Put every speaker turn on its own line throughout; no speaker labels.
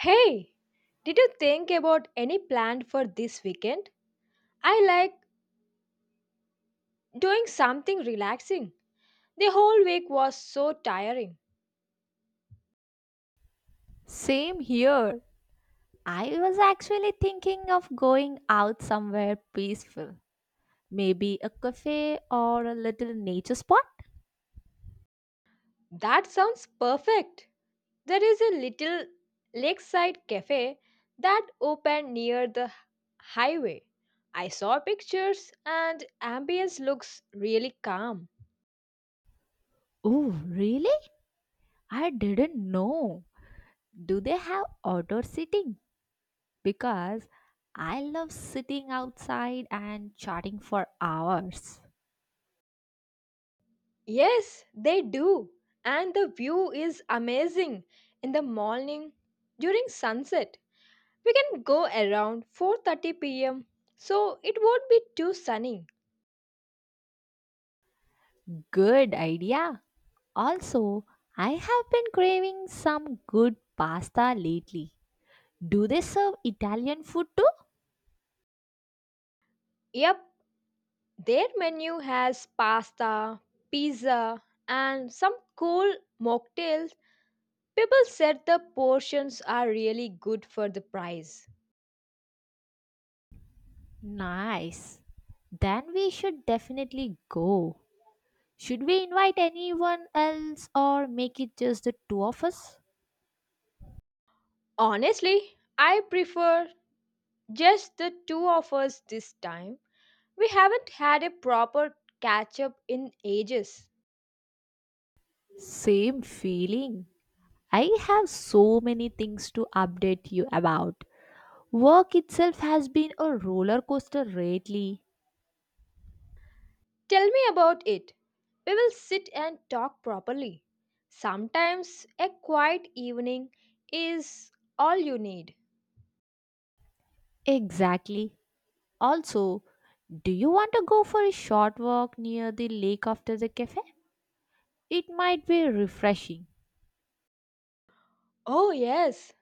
Hey, did you think about any plan for this weekend? I like doing something relaxing. The whole week was so tiring.
Same here. I was actually thinking of going out somewhere peaceful. Maybe a cafe or a little nature spot.
That sounds perfect. There is a little lakeside cafe that opened near the highway. I saw pictures and ambience looks really calm.
Oh, really? I didn't know. Do they have outdoor seating? Because I love sitting outside and chatting for hours.
Yes, they do. And the view is amazing in the morning during sunset. We can go around 4:30 p.m. so it won't be too sunny.
Good idea. Also, I have been craving some good pasta lately. Do they serve Italian food too?
Yep, their menu has pasta, pizza, and some cool mocktails. People said the portions are really good for the price.
Nice. Then we should definitely go. Should we invite anyone else or make it just the two of us?
Honestly, I prefer just the two of us this time. We haven't had a proper catch up in ages.
Same feeling. I have so many things to update you about. Work itself has been a roller coaster lately.
Tell me about it. We will sit and talk properly. Sometimes a quiet evening is all you need.
Exactly. Also, do you want to go for a short walk near the lake after the cafe? It might be refreshing.
Oh, yes,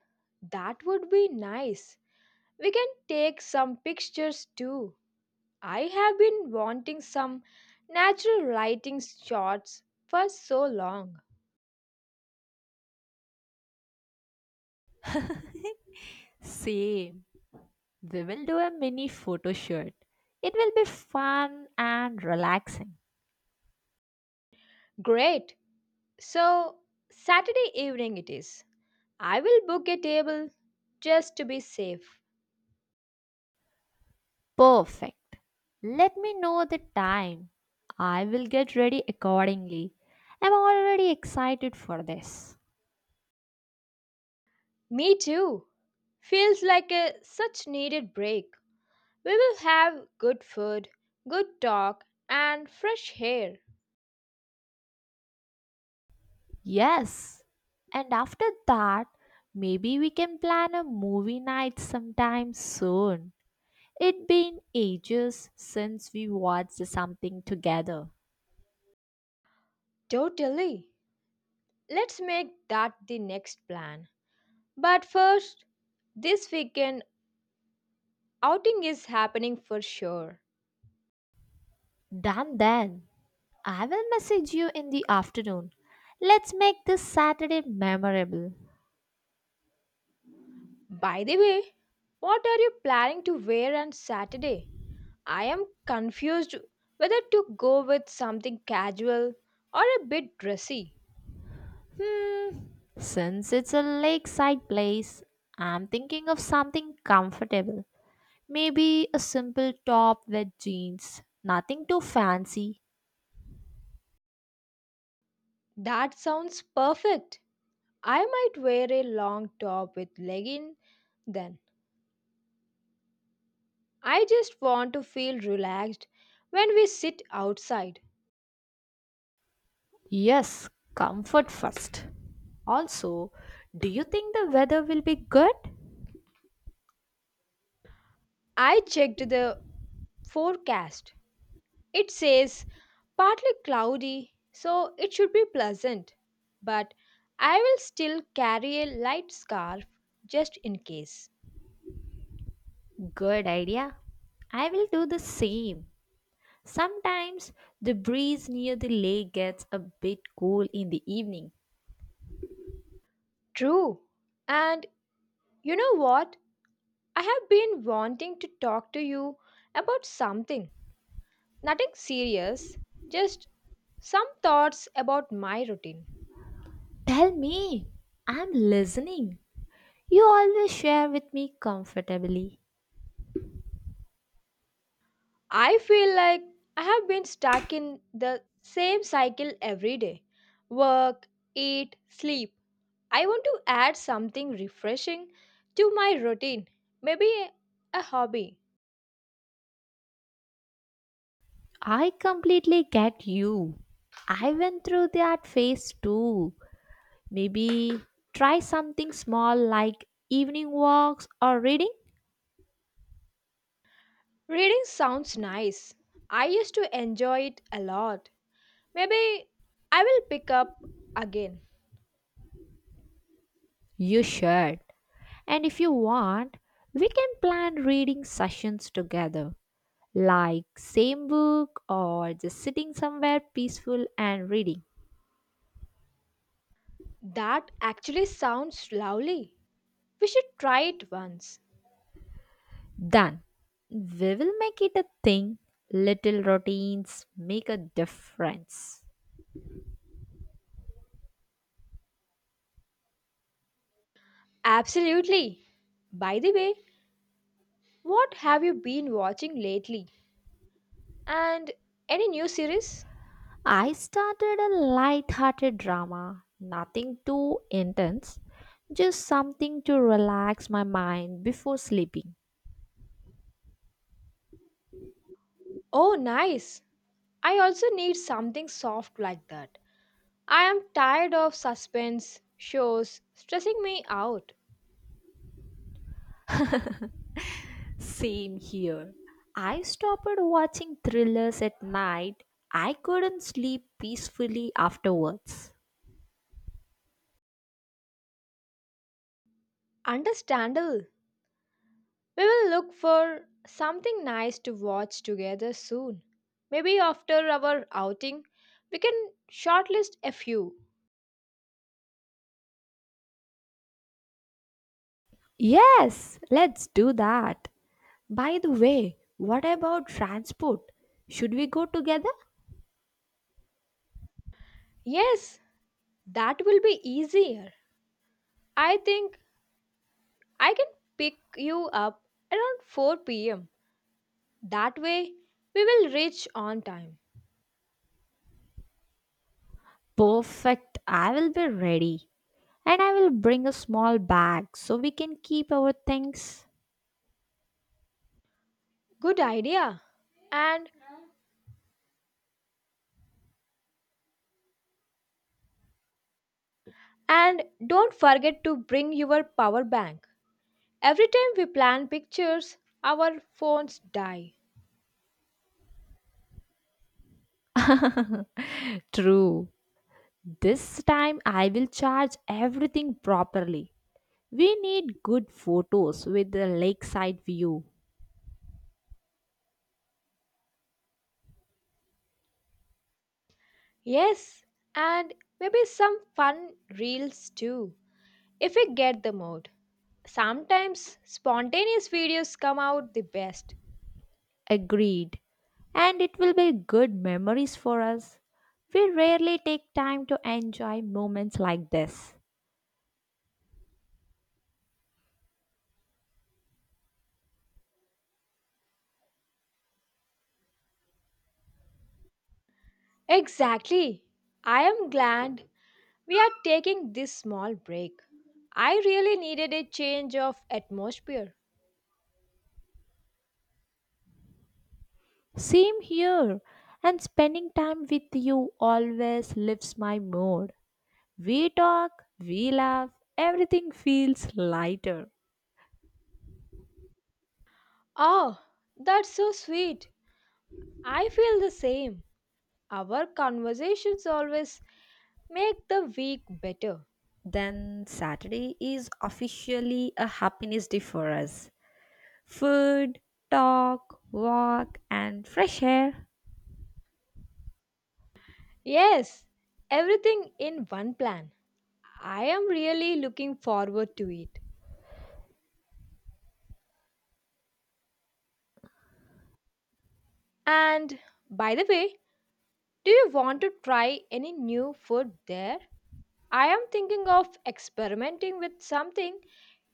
that would be nice. We can take some pictures too. I have been wanting some natural lighting shots for so long.
Same. We will do a mini photo shoot. It will be fun and relaxing.
Great. So, Saturday evening it is. I will book a table just to be safe.
Perfect. Let me know the time. I will get ready accordingly. I'm already excited for this.
Me too. Feels like a such needed break. We will have good food, good talk, and fresh air.
Yes. And after that, maybe we can plan a movie night sometime soon. It been ages since we watched something together.
Totally. Let's make that the next plan. But first, this weekend outing is happening for sure.
Done then. I will message you in the afternoon. Let's make this Saturday memorable.
By the way, what are you planning to wear on Saturday? I am confused whether to go with something casual or a bit dressy.
Hmm. Since it's a lakeside place, I'm thinking of something comfortable. Maybe a simple top with jeans. Nothing too fancy.
That sounds perfect. I might wear a long top with leggings then. I just want to feel relaxed when we sit outside.
Yes, comfort first. Also, do you think the weather will be good?
I checked the forecast. It says partly cloudy, so it should be pleasant. But I will still carry a light scarf just in case.
Good idea. I will do the same. Sometimes the breeze near the lake gets a bit cool in the evening.
True. And you know what? I have been wanting to talk to you about something. Nothing serious, just some thoughts about my routine.
Tell me, I'm listening. You always share with me comfortably.
I feel like I have been stuck in the same cycle every day work, eat, sleep. I want to add something refreshing to my routine, maybe a hobby.
I completely get you. I went through that phase too. Maybe try something small like evening walks or reading?
Reading sounds nice. I used to enjoy it a lot. Maybe I will pick up again.
You should. And if you want, we can plan reading sessions together, like same book or just sitting somewhere peaceful and reading.
That actually sounds lovely. We should try it once.
Done. We will make it a thing. Little routines make a difference.
Absolutely. By the way, what have you been watching lately? And any new series?
I started a light-hearted drama, nothing too intense, just something to relax my mind before sleeping.
Oh, nice. I also need something soft like that. I am tired of suspense shows stressing me out.
Same here. I stopped watching thrillers at night. I couldn't sleep peacefully afterwards.
Understandable. We will look for something nice to watch together soon. Maybe after our outing, we can shortlist a few.
Yes, let's do that. By the way, what about transport? Should we go together?
Yes, that will be easier. I think I can pick you up around 4 pm. That way, we will reach on time.
Perfect. I will be ready. And I will bring a small bag so we can keep our things.
Good idea. And and don't forget to bring your power bank. Every time we plan pictures, our phones die.
True. This time I will charge everything properly. We need good photos with the lakeside view.
Yes, and maybe some fun reels too, if we get the mode. Sometimes spontaneous videos come out the best.
Agreed. And it will be good memories for us. We rarely take time to enjoy moments like this.
Exactly. I am glad we are taking this small break. I really needed a change of atmosphere.
Same here. And spending time with you always lifts my mood. We talk, we laugh, everything feels lighter.
Oh, that's so sweet. I feel the same. Our conversations always make the week better.
Then Saturday is officially a happiness day for us. Food, talk, walk, and fresh air.
Yes, everything in one plan. I am really looking forward to it. And by the way, do you want to try any new food there? I am thinking of experimenting with something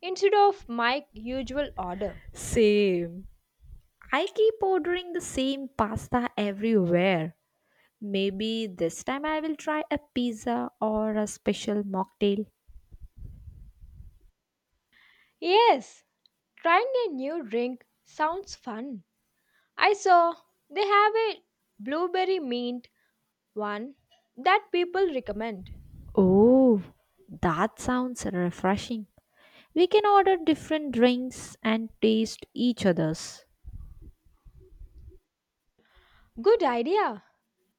instead of my usual order.
Same. I keep ordering the same pasta everywhere. Maybe this time I will try a pizza or a special mocktail.
Yes, trying a new drink sounds fun. I saw they have a blueberry mint one that people recommend.
Oh, that sounds refreshing. We can order different drinks and taste each other's.
Good idea.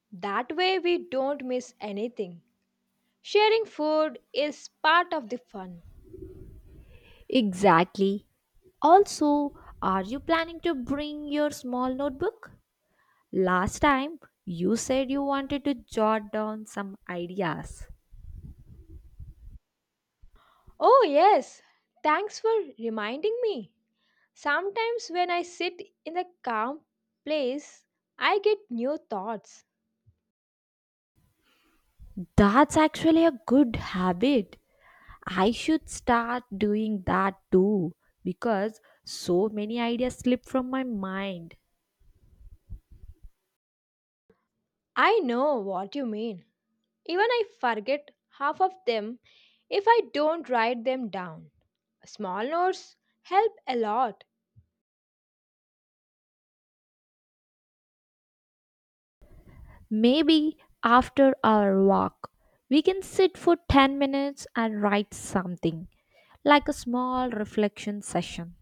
That way we don't miss anything. Sharing food is part of the fun.
Exactly. Also, are you planning to bring your small notebook? Last time you said you wanted to jot down some ideas.
Oh, yes. Thanks for reminding me. Sometimes when I sit in a calm place, I get new thoughts.
That's actually a good habit. I should start doing that too because so many ideas slip from my mind.
I know what you mean. Even I forget half of them if I don't write them down. Small notes help a lot.
Maybe after our walk, we can sit for 10 minutes and write something like a small reflection session.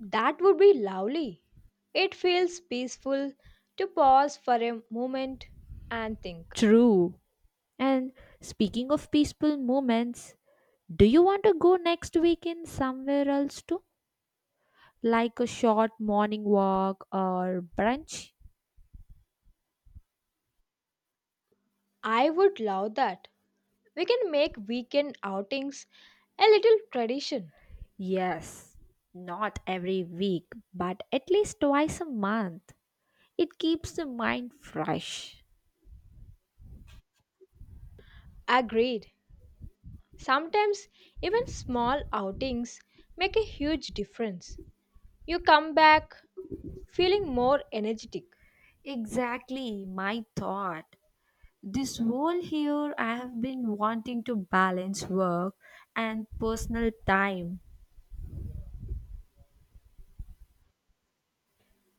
That would be lovely. It feels peaceful to pause for a moment and think.
True. And speaking of peaceful moments, do you want to go next weekend somewhere else too? Like a short morning walk or brunch?
I would love that. We can make weekend outings a little tradition.
Yes, not every week, but at least twice a month. It keeps the mind fresh.
Agreed. Sometimes even small outings make a huge difference. You come back feeling more energetic.
Exactly my thought. This whole year, I have been wanting to balance work and personal time.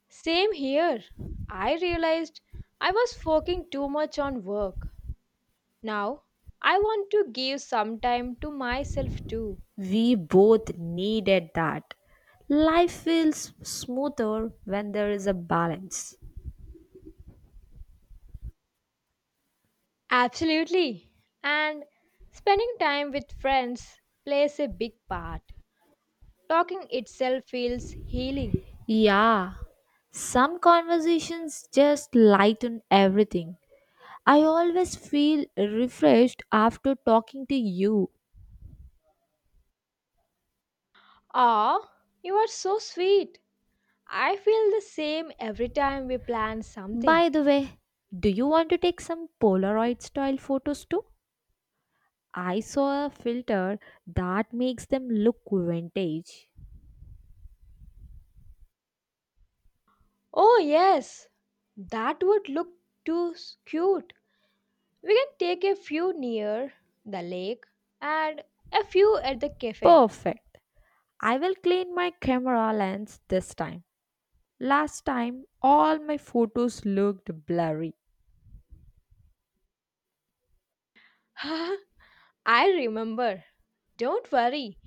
Same here. I realized I was focusing too much on work. Now, I want to give some time to myself too.
We both needed that. Life feels smoother when there is a balance.
Absolutely. And spending time with friends plays a big part. Talking itself feels healing.
Yeah, some conversations just lighten everything. I always feel refreshed after talking to you.
Ah, you are so sweet. I feel the same every time we plan something.
By the way, do you want to take some Polaroid style photos too? I saw a filter that makes them look vintage.
Oh, yes, that would look too cute. We can take a few near the lake and a few at the cafe.
Perfect. I will clean my camera lens this time. Last time, all my photos looked blurry.
I remember. Don't worry.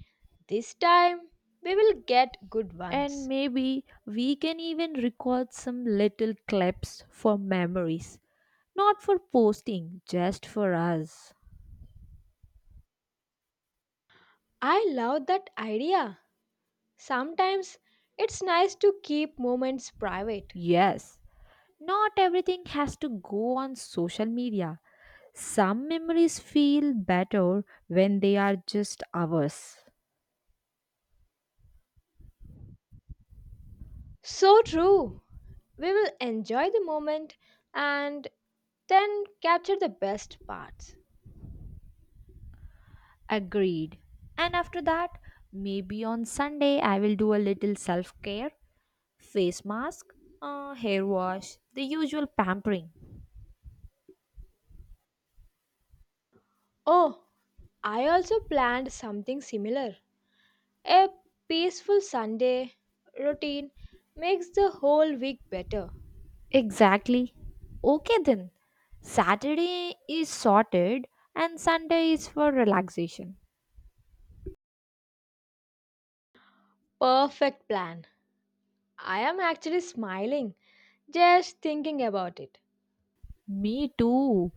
This time we will get good
And
ones.
maybe we can even record some little clips for memories. Not for posting, just for us.
I love that idea. Sometimes it's nice to keep moments private.
Yes, not everything has to go on social media. Some memories feel better when they are just ours.
So true. We will enjoy the moment and then capture the best parts.
Agreed. And after that, maybe on Sunday I will do a little self care. Face mask, hair wash, the usual pampering.
Oh, I also planned something similar. A peaceful Sunday routine makes the whole week better.
Exactly. Okay then, Saturday is sorted and Sunday is for relaxation.
Perfect plan. I am actually smiling just thinking about it.
Me too.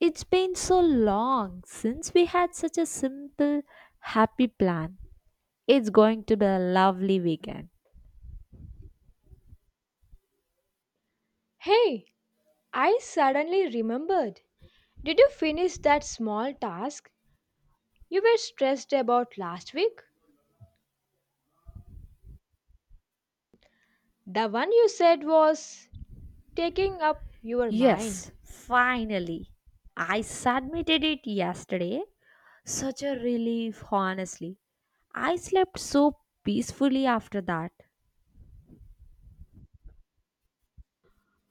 It's been so long since we had such a simple, happy plan. It's going to be a lovely weekend.
Hey, I suddenly remembered. Did you finish that small task you were stressed about last week? The one you said was taking up your mind.
Yes, finally. I submitted it yesterday. Such a relief, honestly. I slept so peacefully after that.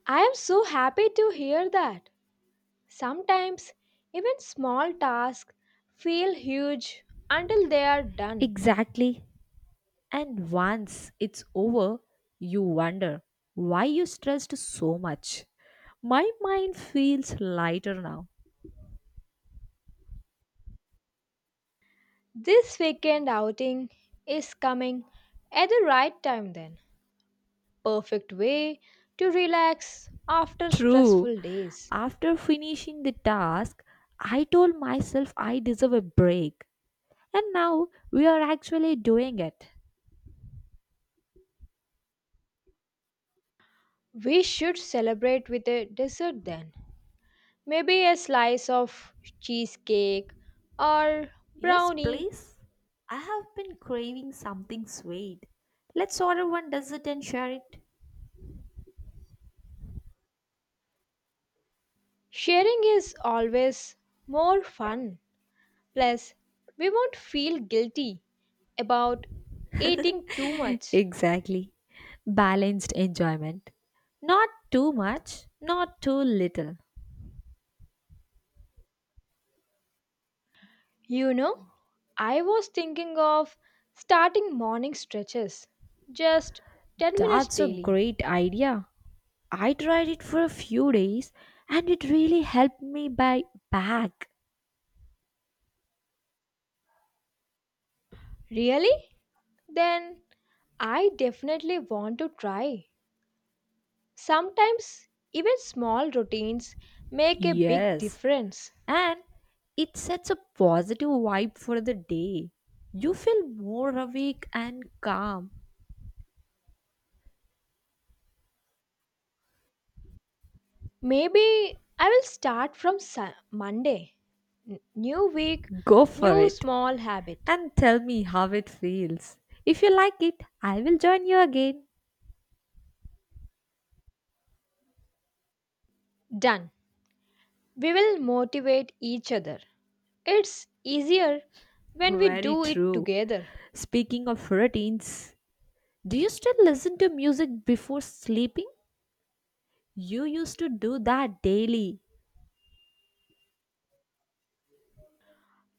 I am so happy to hear that. Sometimes even small tasks feel huge until they are done.
Exactly. And once it's over, you wonder why you stressed so much. My mind feels lighter now.
This weekend outing is coming at the right time then. Perfect way to relax after
True.
stressful days.
After finishing the task, I told myself I deserve a break. And now we are actually doing it.
We should celebrate with a dessert then. Maybe a slice of cheesecake or
Yes,
brownie.
please. I have been craving something sweet. Let's order one dessert and share it.
Sharing is always more fun. Plus, we won't feel guilty about eating too much.
Exactly. Balanced enjoyment. Not too much, not too little.
You know, I was thinking of starting morning stretches, just 10 minutes
That's a
daily.
great idea. I tried it for a few days and it really helped me buy back.
Really? Then I definitely want to try. Sometimes even small routines make a big
Yes.
difference.
And it sets a positive vibe for the day. You feel more awake and calm.
Maybe I will start from Monday. New week,
Go for
new
it
small habit.
and tell me how it feels. If you like it, I will join you again.
Done. We will motivate each other. It's easier when we
Very
do it
true.
together.
Speaking of routines, do you still listen to music before sleeping? You used to do that daily.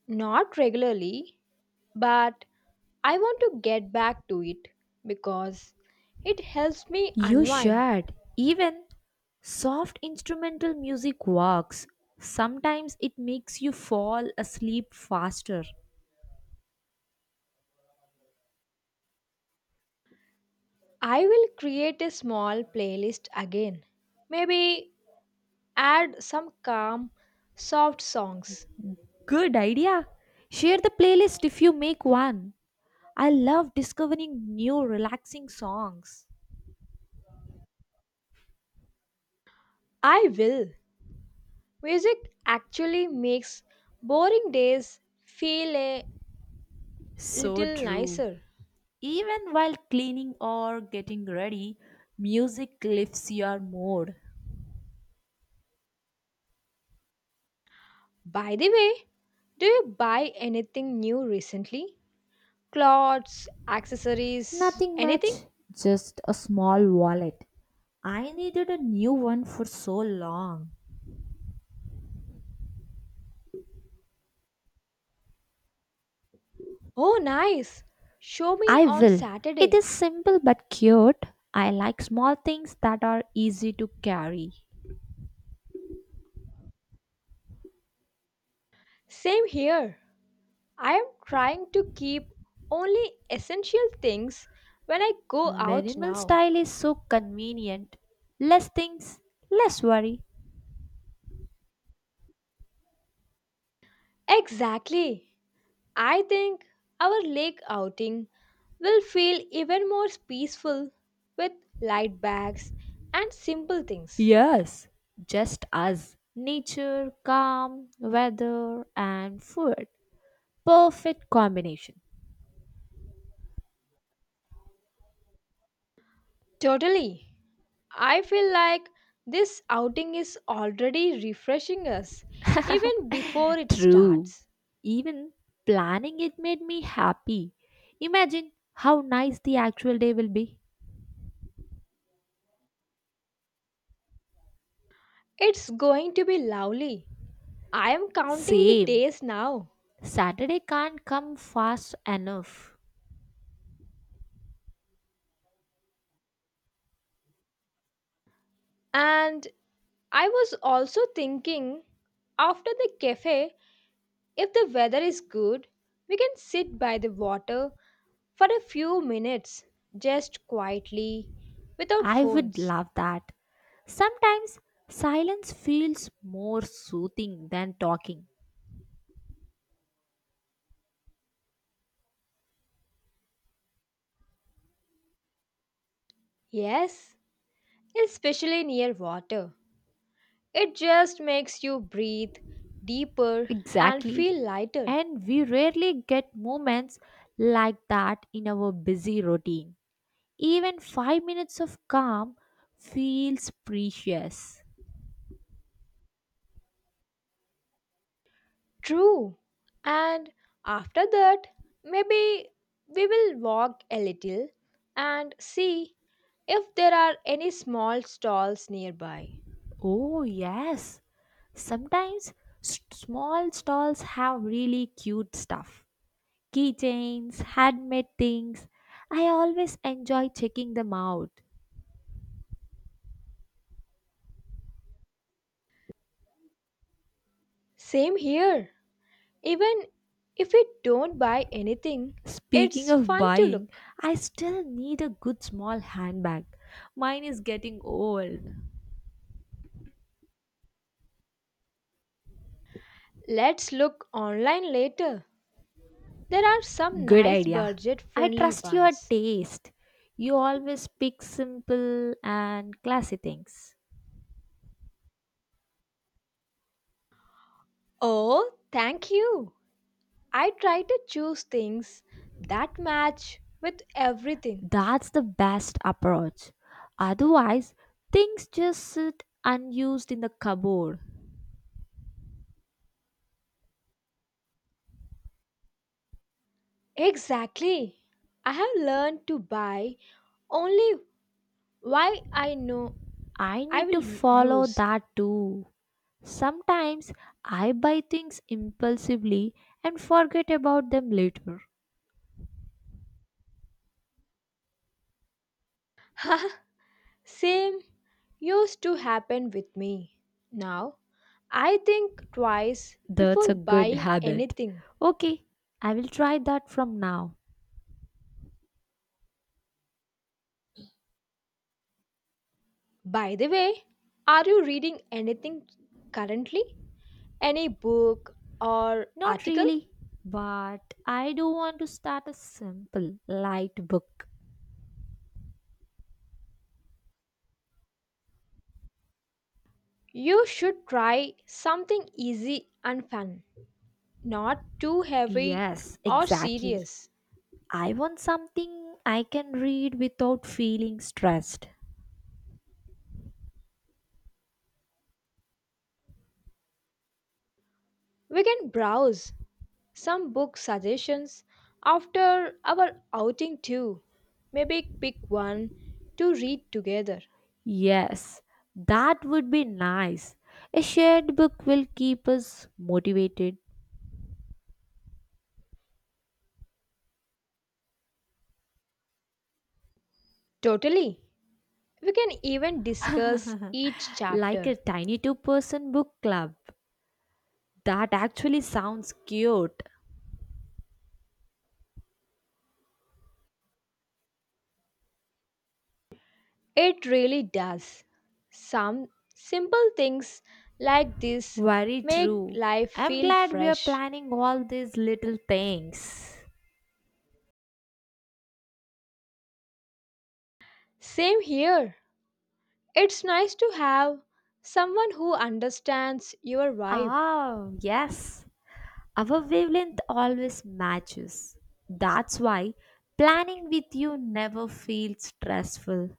Not regularly, but I want to get back to it because it helps me
You
unwind.
should. Even soft instrumental music works. Sometimes it makes you fall asleep faster.
I will create a small playlist again. Maybe add some calm, soft songs.
Good idea. Share the playlist if you make one. I love discovering new relaxing songs.
I will. Music actually makes boring days feel a
So
little
true.
nicer.
Even while cleaning or getting ready, music lifts your mood.
By the way, do you buy anything new recently? Clothes, accessories,
Nothing
anything?
much, just a small wallet. I needed a new one for so long.
Oh, nice! Show me
I
on
will. It is
Saturday.
simple but cute. I like small things that are easy to carry.
Same here. I am trying to keep only essential things when I go out
Minimal
now.
style is so convenient. Less things, less worry.
Exactly. I think our lake outing will feel even more peaceful with light bags and simple things.
Yes, just us. Nature, calm, weather, and food. Perfect combination.
Totally. I feel like this outing is already refreshing us even before it
True.
starts.
Even planning it made me happy. Imagine how nice the actual day will be.
It's going to be lovely. I am counting the
Same.
days now.
Saturday can't come fast enough.
And I was also thinking after the cafe, if the weather is good, we can sit by the water for a few minutes, just quietly, without
I would
phones.
love that. Sometimes silence feels more soothing than talking.
Yes, especially near water. It just makes you breathe deeper and
Exactly.
feel lighter.
And we rarely get moments like that in our busy routine. Even 5 minutes of calm feels precious.
True. And after that, maybe we will walk a little and see if there are any small stalls nearby.
Oh, yes. Sometimes small stalls have really cute stuff, keychains, handmade things. I always enjoy checking them out.
Same here. Even if we don't buy anything,
Speaking
it's
of
fun to
buying,
look.
I still need a good small handbag. Mine is getting old.
Let's look online later. There are some
Good
nice
idea.
budget
I
friendly
trust your
ones.
taste. You always pick simple and classy things.
Oh, thank you. I try to choose things that match with everything.
That's the best approach. Otherwise, things just sit unused in the cupboard.
Exactly. I have learned to buy only why I know
I
I
need to
will
follow
use.
that too. Sometimes I buy things impulsively and forget about them later.
Same used to happen with me. Now, I think twice
That's
before
a good
buying
habit.
anything.
Okay, I will try that from now.
By the way, are you reading anything currently? Any book or
Not
article?
really, but I do want to start a simple, light book.
You should try something easy and fun, not too heavy
Yes,
or
exactly.
serious.
I want something I can read without feeling stressed.
We can browse some book suggestions after our outing too. Maybe pick one to read together.
Yes, that would be nice. A shared book will keep us motivated,
Totally. We can even discuss each
like a
chapter.
tiny two-person book club. That actually sounds cute.
It really does. Some simple things like this
Very
make
true.
life
I'm
feel
glad we are
fresh.
planning all these little things.
Same here. It's nice to have someone who understands your vibe.
Ah, yes. Our wavelength always matches. That's why planning with you never feels stressful.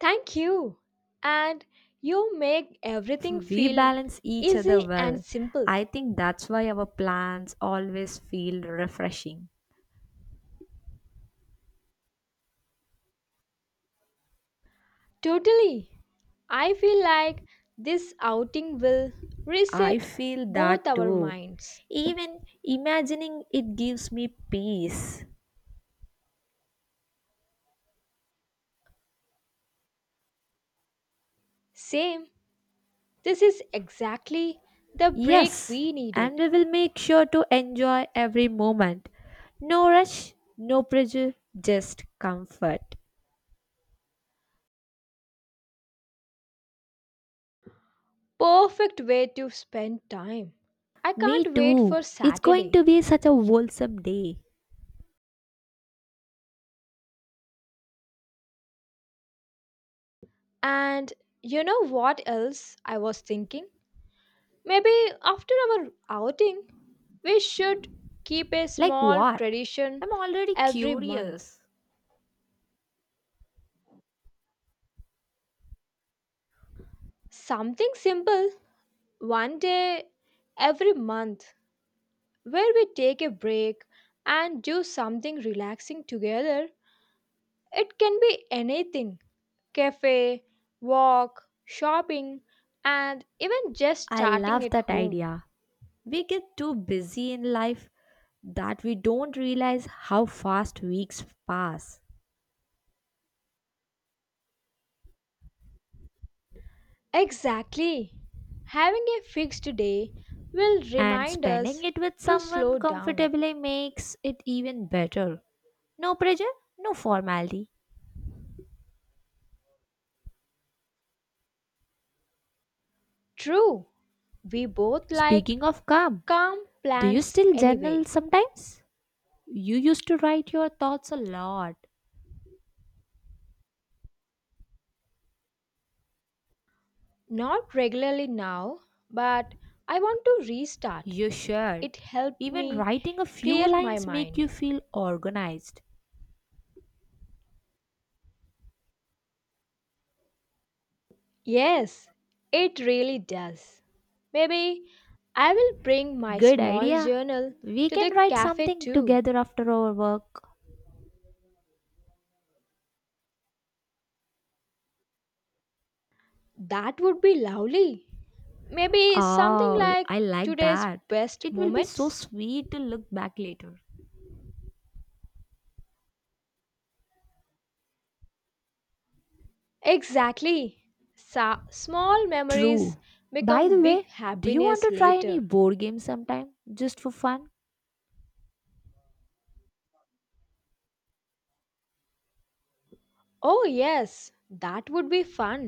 Thank you. And you make everything
We
feel
balance each other
easy and
well.
simple.
I think that's why our plans always feel refreshing.
Totally. I feel like this outing will
I
reset
feel
both
that
our
too.
minds.
Even imagining it gives me peace.
Same. This is exactly the break
Yes,
we
and
needed.
we will make sure to enjoy every moment. No rush, no pressure, just comfort.
Perfect way to spend time. I
Me
can't wait for
too. It's going
Saturday.
to be such a wholesome day.
And you know what else I was thinking? Maybe after our outing, we should keep a
Like
small
what?
tradition
I'm already
every month.
curious.
Something simple, one day every month, where we take a break and do something relaxing together. It can be anything cafe, walk, shopping, and even just
I
chatting
love
at
that
home.
idea. We get too busy in life that we don't realize how fast weeks pass.
Exactly. Having a fixed day will
And
remind
spending
us
it with
to
someone
slow down.
comfortably makes it even better. No pressure, no formality.
True, we both like
Speaking of calm,
calm
do you
plans
still journal
anyway.
sometimes? You used to write your thoughts a lot.
Not regularly now, but I want to restart.
You should.
It helped
Even
me
writing a few
clear my
lines make
mind.
you feel organized.
Yes, it really does. Maybe I will bring my
Good
small
idea.
journal
We
to
can
the
write
cafe
something
too.
together after our work.
That would be lovely. Maybe something
Oh,
like
I like
today's
that.
best
It will be so
moments.
sweet to look back later.
Exactly. Small memories
True. By
become
the
big
way, do you want
happiness
to try any
later.
board game sometime just for fun?
Oh, yes, that would be fun.